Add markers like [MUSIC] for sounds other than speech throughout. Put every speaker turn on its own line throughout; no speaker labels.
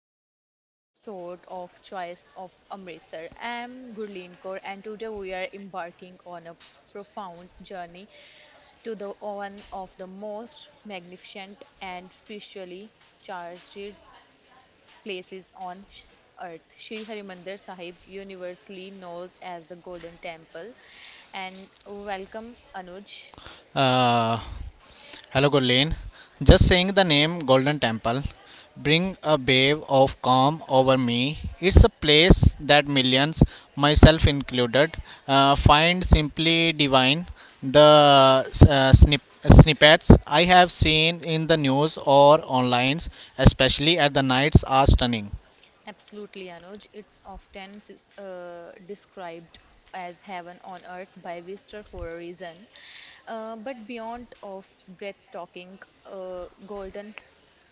special episode of Choice of Amritsar. I'm Gurleen Kaur, and today we are embarking on a profound journey to the one of the most magnificent and spiritually charged places on earth. Shri Harimandir Sahib, universally known as the Golden Temple. And welcome, Anuj.
Uh, Hello, Gurleen. Just saying the name Golden Temple bring a wave of calm over me. It's a place that millions, myself included, find simply divine. The uh, snip- snippets I have seen in the news or online, especially at the nights, are stunning.
Absolutely, Anuj. It's often described as heaven on earth by Wister for a reason. But beyond of breathtaking golden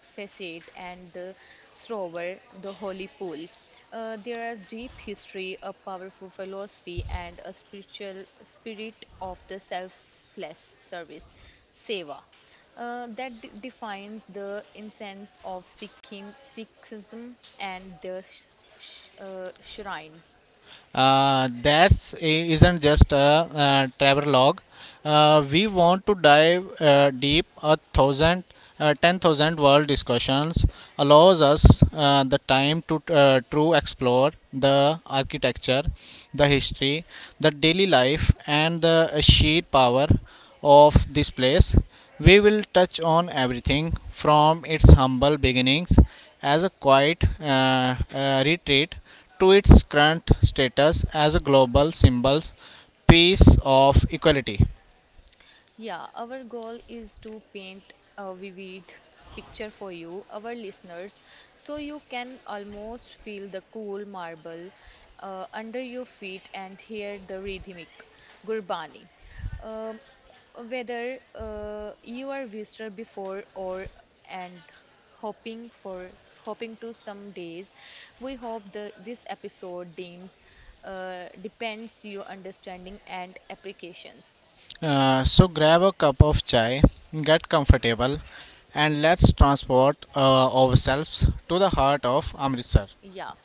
facade and the Srovar, the holy pool, there is deep history, a powerful philosophy, and a spiritual spirit of the selfless service, seva, that defines the essence of Sikhism and the shrines.
That's isn't just a travel log. We want to dive deep. 10,000 world discussions allows us the time to true explore the architecture, the history, the daily life, and the sheer power of this place. We will touch on everything from its humble beginnings as a quiet retreat to its current status as a global symbol piece of equality.
Yeah, our goal is to paint a vivid picture for you, our listeners, so you can almost feel the cool marble under your feet and hear the rhythmic gurbani. Um, whether you are visitor before or and hoping for hoping to some days we hope the this episode deems depends your understanding and applications.
So grab a cup of chai, get comfortable, and let's transport ourselves to the heart of Amritsar.
Yeah,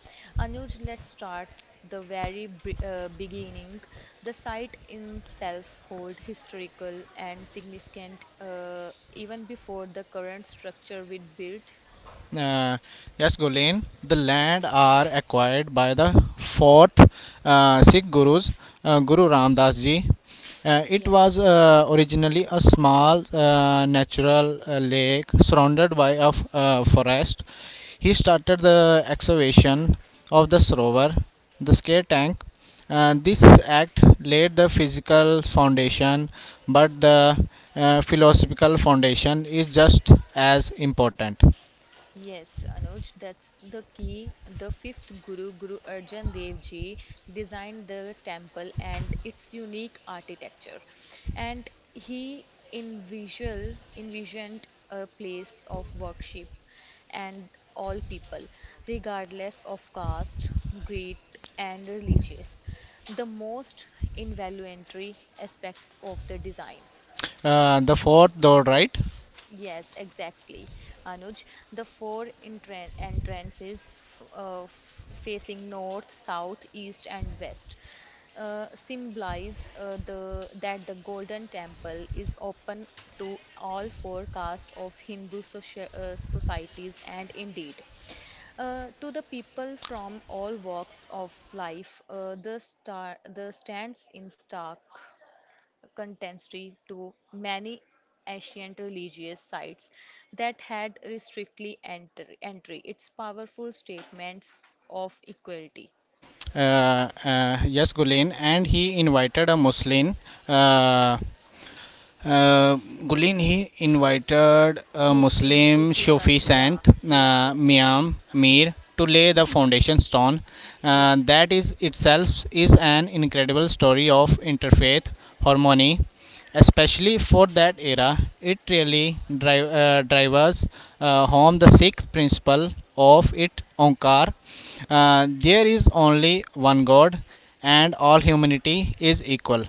Anuj, let's start the very b beginning. The site in itself hold historical and significant even before the current structure we built.
Uh, yes, Gulen, the land are acquired by the fourth Sikh gurus, Guru Ram Das Ji. Uh, it
Yeah.
was uh, originally a small natural lake surrounded by a forest. He started the excavation of the Sarovar, the scare tank. This act laid the physical foundation, but the philosophical foundation is just as important.
Yes, Anuj, that's the key. The fifth guru, Guru Arjan Dev Ji, designed the temple and its unique architecture. And he envisioned a place of worship and all people, regardless of caste, creed, and religious. The most involuntary aspect of the design.
The fourth Doddrite.
Yes, exactly, Anuj. The four entrances f f facing north, south, east, and west symbolize the that the Golden Temple is open to all four castes of Hindu socia societies, and indeed, to the people from all walks of life, the stands in stark contemporary to many ancient religious sites that had restrictly entry. Its powerful statements of equality.
Uh, uh, yes, Gulen, and he invited a uh, Uh,
Muslims,
Muslim
Sufi
Sufi
sons, yeah,
saint,
yeah, yeah, yeah,
Miam Mir, to lay the foundation stone.
yeah.
That is itself is an incredible story of interfaith harmony, especially for that era. It really drives home the sixth principle of it Onkar. There is only one God, and all humanity is equal.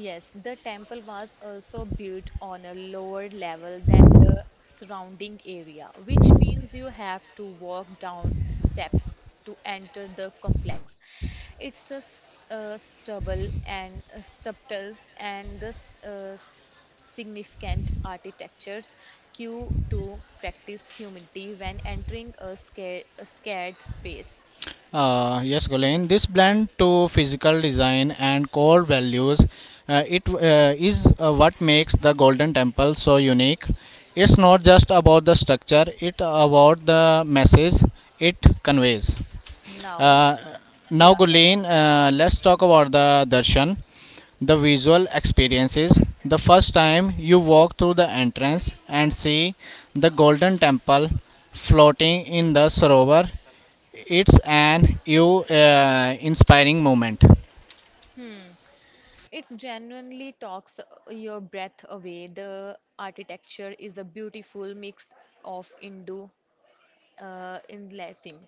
Yes, the temple was also built on a lower level than the surrounding area, which means you have to walk down steps to enter the complex. It's a st- stubble and subtle and the significant architectures cue to practice humility when entering a scared space.
Yes, Gulen. This blend to physical design and core values, it is what makes the Golden Temple so unique. It's not just about the structure; it about the message it conveys.
Now,
Uh, now,
yeah, yeah, yeah.
Gulen, let's talk about the darshan, the visual experiences. The first time you walk through the entrance and see the Golden Temple floating in the sarovar, it's an you inspiring moment.
Hmm. It's genuinely talks your breath away. The architecture is a beautiful mix of Indo inlacing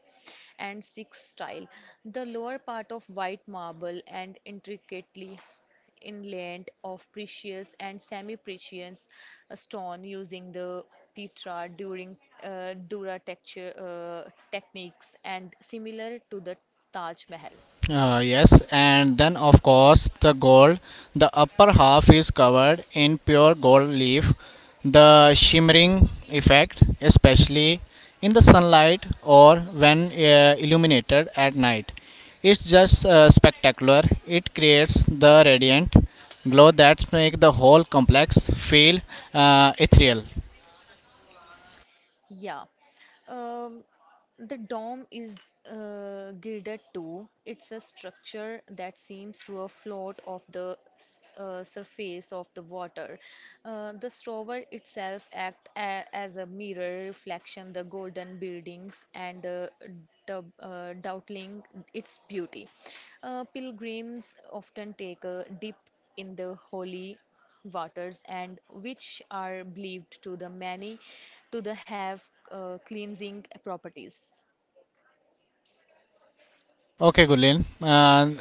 and Sikh style. The lower part of white marble and intricately inlaid of precious and semi-precious stone using the Petra during Dura texture techniques and similar to the Taj Mahal.
Yes, and then of course the gold, the upper half is covered in pure gold leaf. The shimmering effect, especially in the sunlight or when illuminated at night, it's just spectacular. It creates the radiant glow that make the whole complex feel ethereal.
Yeah. Um, the dome is gilded too. It's a structure that seems to float off the surface of the water. The strower itself act as a mirror reflection the golden buildings and the doubtling its beauty. Pilgrims often take a dip in the holy waters and which are believed to the many to the have cleansing properties.
Okay, Gulin.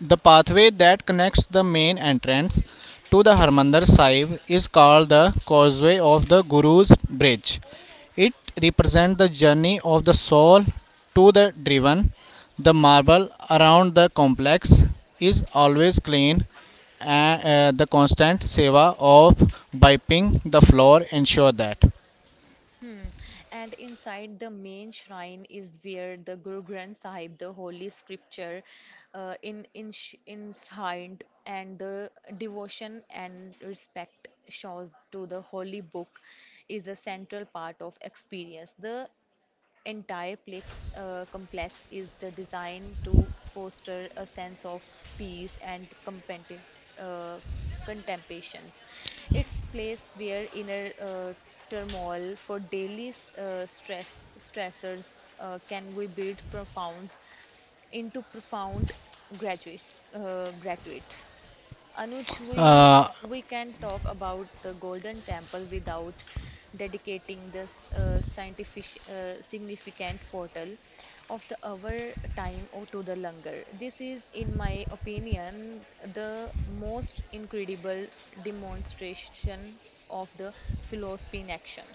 The pathway that connects the main entrance to the Harmandir Sahib is called the Causeway of the Guru's Bridge. It represents the journey of the soul to the driven. The marble around the complex is always clean, and the constant seva of wiping the floor ensure that.
Hmm. And inside the main shrine is where the Guru Granth Sahib, the holy scripture, in enshrined and the devotion and respect shows to the holy book is a central part of experience. The entire complex is the design to foster a sense of peace and uh, contemplations. It's place where inner turmoil for daily stressors can we build profounds into profound graduate graduate. Anuj, we can talk about the Golden Temple without dedicating this scientific significant portal of the our time or to the langar. This is, in my opinion, the most incredible demonstration of the philosophy in action.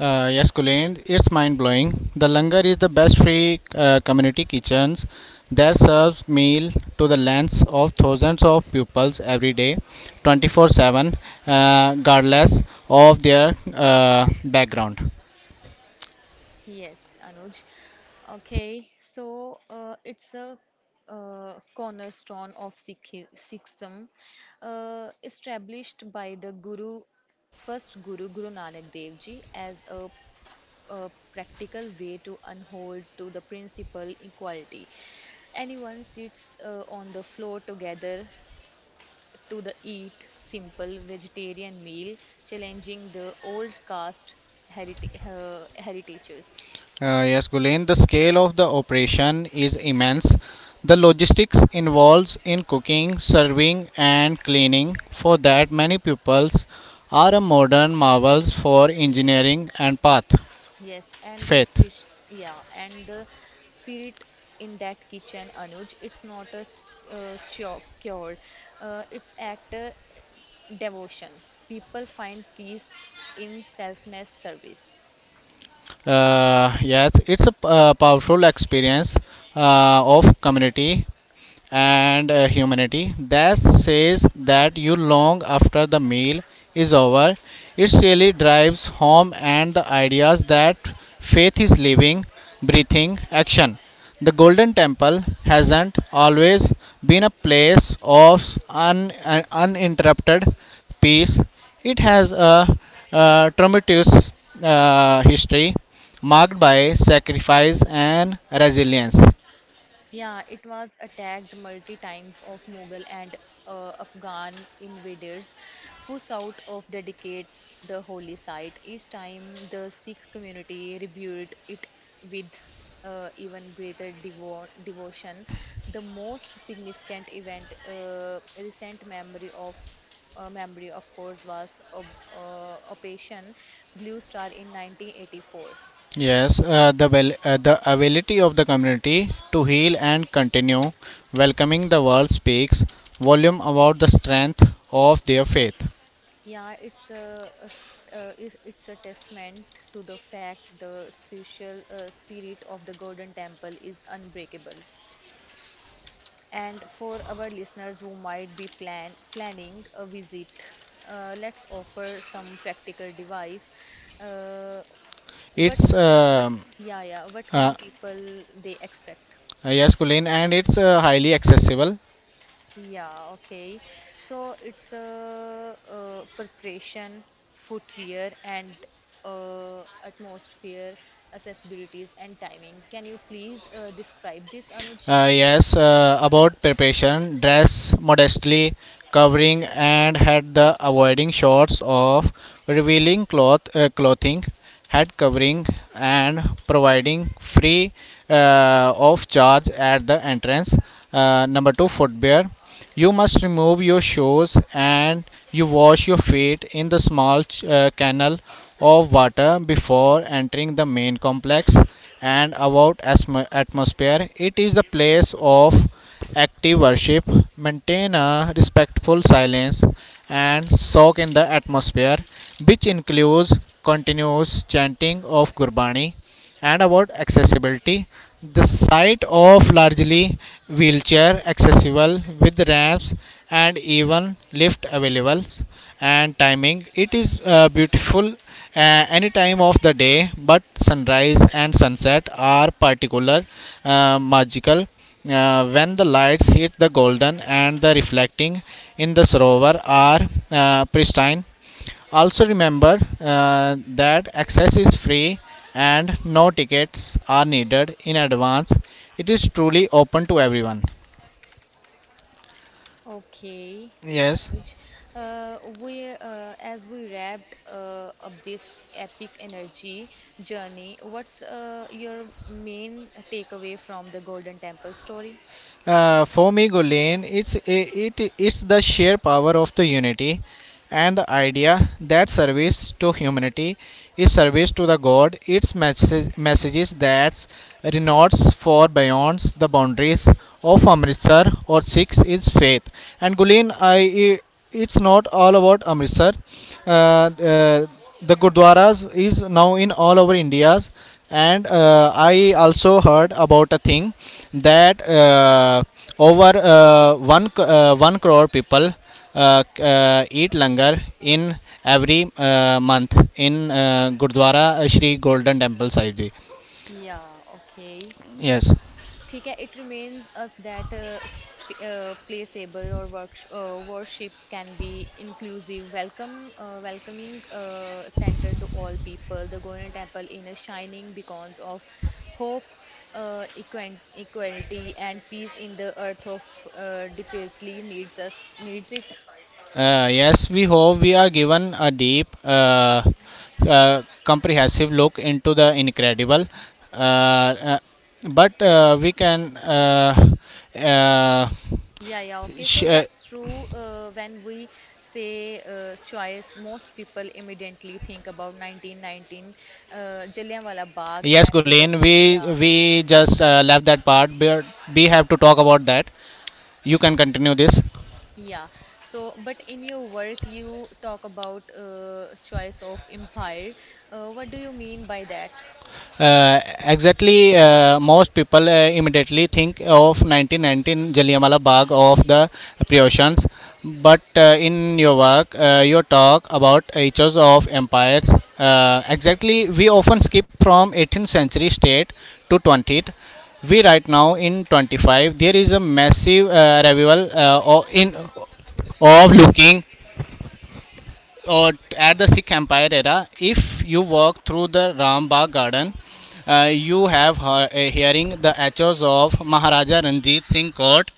Yes, Kulin, it's mind blowing. The Langar is the best free community kitchens that serves meal to the lands of thousands of pupils every day, 24/7, regardless of their background.
Yes, Anuj. Okay, so it's a cornerstone of Sikhism, established by the Guru, first Guru, Guru Nanak Dev Ji, as a practical way to unhold to the principle equality. Anyone sits on the floor together to the eat simple vegetarian meal, challenging the old caste heritages.
Yes, Gulen, the scale of the operation is immense. The logistics involved in cooking, serving, and cleaning for that many pupils are a modern marvels for engineering and path
Yes, and the
faith.
spirit, yeah, and the spirit in that kitchen, Anuj, it's not a cure, it's act a devotion. People find peace in selfless service.
Yes, it's a powerful experience of community and humanity that says that you long after the meal is over. It really drives home and the ideas that faith is living, breathing action. The Golden Temple hasn't always been a place of uninterrupted peace. It has a tumultuous history marked by sacrifice and resilience.
Yeah, it was attacked multi times of Mughal and Afghan invaders who sought of dedicate the holy site. Each time the Sikh community rebuilt it with even greater devotion. The most significant event, recent memory, of course, was Operation Blue Star in 1984.
Yes, the ability of the community to heal and continue welcoming the world speaks volume about the strength of their faith.
Yeah, it's it's a testament to the fact the spiritual spirit of the Golden Temple is unbreakable. And for our listeners who might be planning a visit, let's offer some practical device. Uh, what
It's
what yeah yeah what
uh,
can people they expect?
yes, Colleen, and it's highly accessible.
Yeah, okay. So it's preparation, footwear, and atmosphere, accessibilities, and timing. Can you please describe this, Anuj?
Yes, about preparation, dress modestly, covering and head the avoiding shorts of revealing clothing, head covering and providing free of charge at the entrance. Number two, footwear. You must remove your shoes and you wash your feet in the small canal of water before entering the main complex. And about atmosphere, it is the place of active worship. Maintain a respectful silence and soak in the atmosphere, which includes continuous chanting of Gurbani. And about accessibility, the site of largely wheelchair accessible with ramps and even lift available. And timing, it is beautiful any time of the day, but sunrise and sunset are particular magical when the lights hit the golden and the reflecting in the sarovar are pristine. Also remember that access is free and no tickets are needed in advance. It is truly open to everyone.
Okay,
Yes.
Anuj. As we wrapped up this epic energy journey, what's your main takeaway from the Golden Temple story?
For me, Gulen, it it's the sheer power of the unity and the idea that service to humanity is service to the God. Its messages that renounce for beyond the boundaries of Amritsar or Sikhs is faith. And Gulen, I, it's not all about Amritsar. Uh, uh, the Gurdwaras is now in all over India, and I also heard about a thing that over one crore people eat langar in every month in Gurdwara Shri Golden Temple Sahib Ji.
Yeah, okay.
Yes,
ठीक है it remains us that placeable or work worship can be inclusive welcome welcoming center to all people the golden temple in a shining beacons of hope equality and peace in the earth of desperately needs us needs it.
yes. We hope we are given a deep, comprehensive look into the incredible. Uh, uh, but we can uh,
Yeah, yeah, okay. So
sh-
that's true. When we say choice, most people immediately think about 1919, uh, Jallianwala Bagh,
Yes,
and
Gulen, we
yeah,
we just left that part, but we have to talk about that. You can continue this.
yeah. So, but in your work, you talk about choice of empire. What do you mean by that?
Exactly, Most people immediately think of 1919 Jallianwala Bagh of the Prussians, but in your work, you talk about ages of empires. Exactly, we often skip from 18th century state to 20th. We right now in 25, there is a massive revival in of looking or at the Sikh Empire era. If you walk through the Rambagh Garden, you have hearing the echoes of Maharaja Ranjit Singh Court.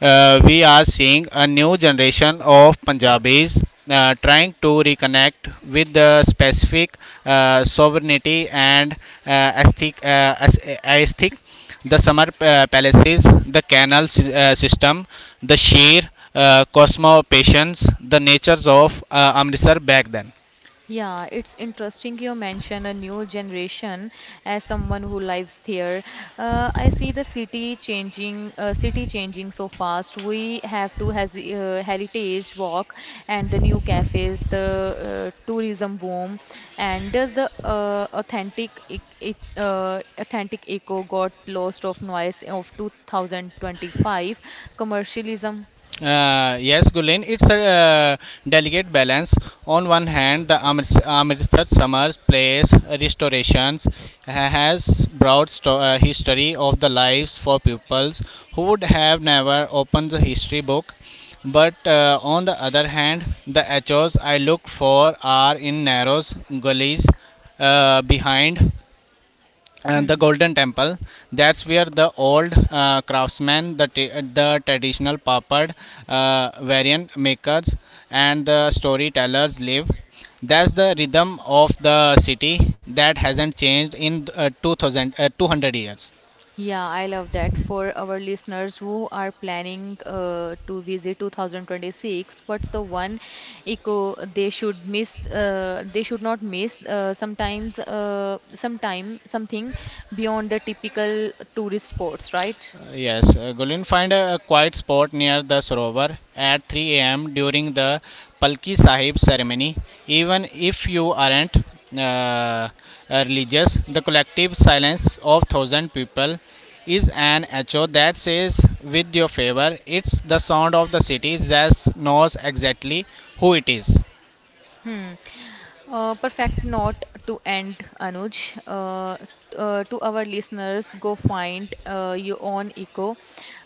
We are seeing a new generation of Punjabis trying to reconnect with the specific sovereignty and aesthetic, the summer palaces, the canal system, the sheer cosmopations, the natures of Amritsar back then.
Yeah, it's interesting you mention a new generation as someone who lives here. I see the city changing, so fast. We have to has heritage walk and the new cafes, the tourism boom, and does the authentic echo got lost of noise of 2025 commercialism?
Yes, Gulen, it's a delicate balance. On one hand, the Amritsar summer place restorations has brought history of the lives for pupils who would have never opened the history book. But on the other hand, the echoes I look for are in narrow gullies behind the
Hmm.
golden temple. That's where the old craftsmen, the traditional papad uh, variant makers and the storytellers live. That's the rhythm of the city that hasn't changed in 200 years.
Yeah, I love that. For our listeners who are planning to visit 2026, what's the one eco they should miss? They should not miss. Sometime something beyond the typical tourist spots, right?
Yes, Gulin, find a quiet spot near the Sarovar at 3 a.m. during the Palki Sahib ceremony. Even if you aren't uh, religious, the collective silence of thousand people is an echo that says, with your favor, it's the sound of the city that knows exactly who it is.
Hmm. Perfect note to end, Anuj. To our listeners, go find your own eco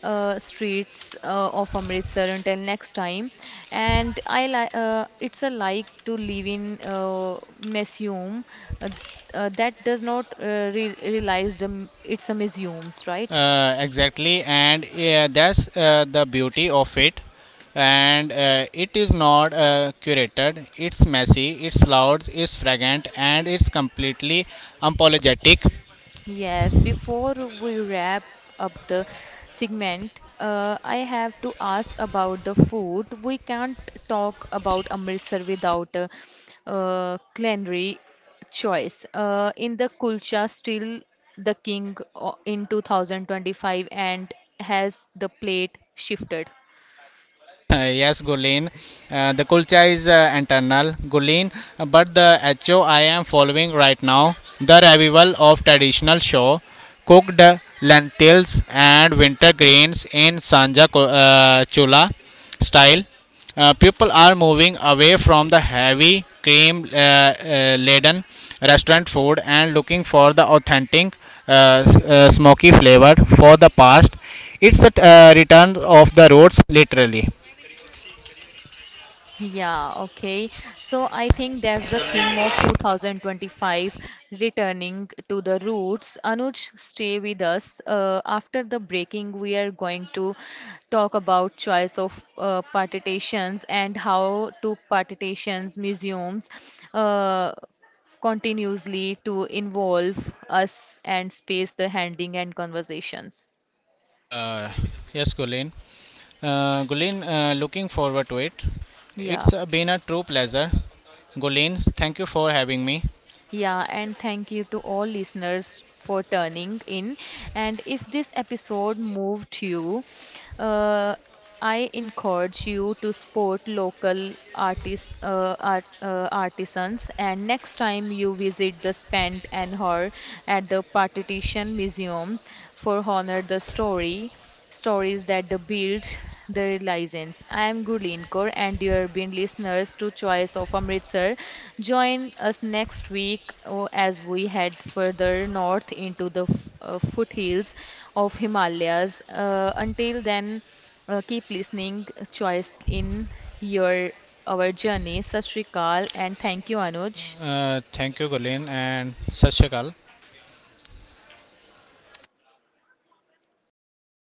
streets of Amritsar. Until next time, and I like it's a like to live in museum uh, that does not re realize it's a museums, right?
Exactly, and yeah, that's the beauty of it. And it is not curated. It's messy, it's loud, it's fragrant, and it's completely apologetic.
Yes, before we wrap up the segment, I have to ask about the food. We can't talk about Amritsar without a culinary choice. In the kulcha, still the king in 2025, and has the plate shifted?
Uh, [LAUGHS] yes, Gulin. The kulcha is internal, Gulin. But the HO I am following right now, the revival of traditional show, cooked lentils and winter grains in Sanja Chula style. People are moving away from the heavy cream laden restaurant food and looking for the authentic smoky flavor for the past. It's a return of the roots, literally.
Yeah, okay. So I think that's the theme of 2025 returning to the roots. Anuj, stay with us. After the breaking, we are going to talk about choice of partitations and how to partitions museums uh, continuously to involve us and space the handling and conversations.
Uh, yes, Gulin. Gulin, looking forward to it.
Yeah.
It's been a true pleasure. Gulin, thank you for having me.
Yeah, and thank you to all listeners for turning in. And if this episode moved you, uh, I encourage you to support local artists, artisans. And next time you visit the Spent and Her at the Partition Museums for honor the story, stories that the build the license. I am Gurleen Kaur, and dear being listeners to Choice of Amritsar, join us next week oh, as we head further north into the foothills of Himalayas. Until then, keep listening. Choice in your our journey. Sashrikal and thank you, Anuj.
Thank you, Gulin, and Sashakal.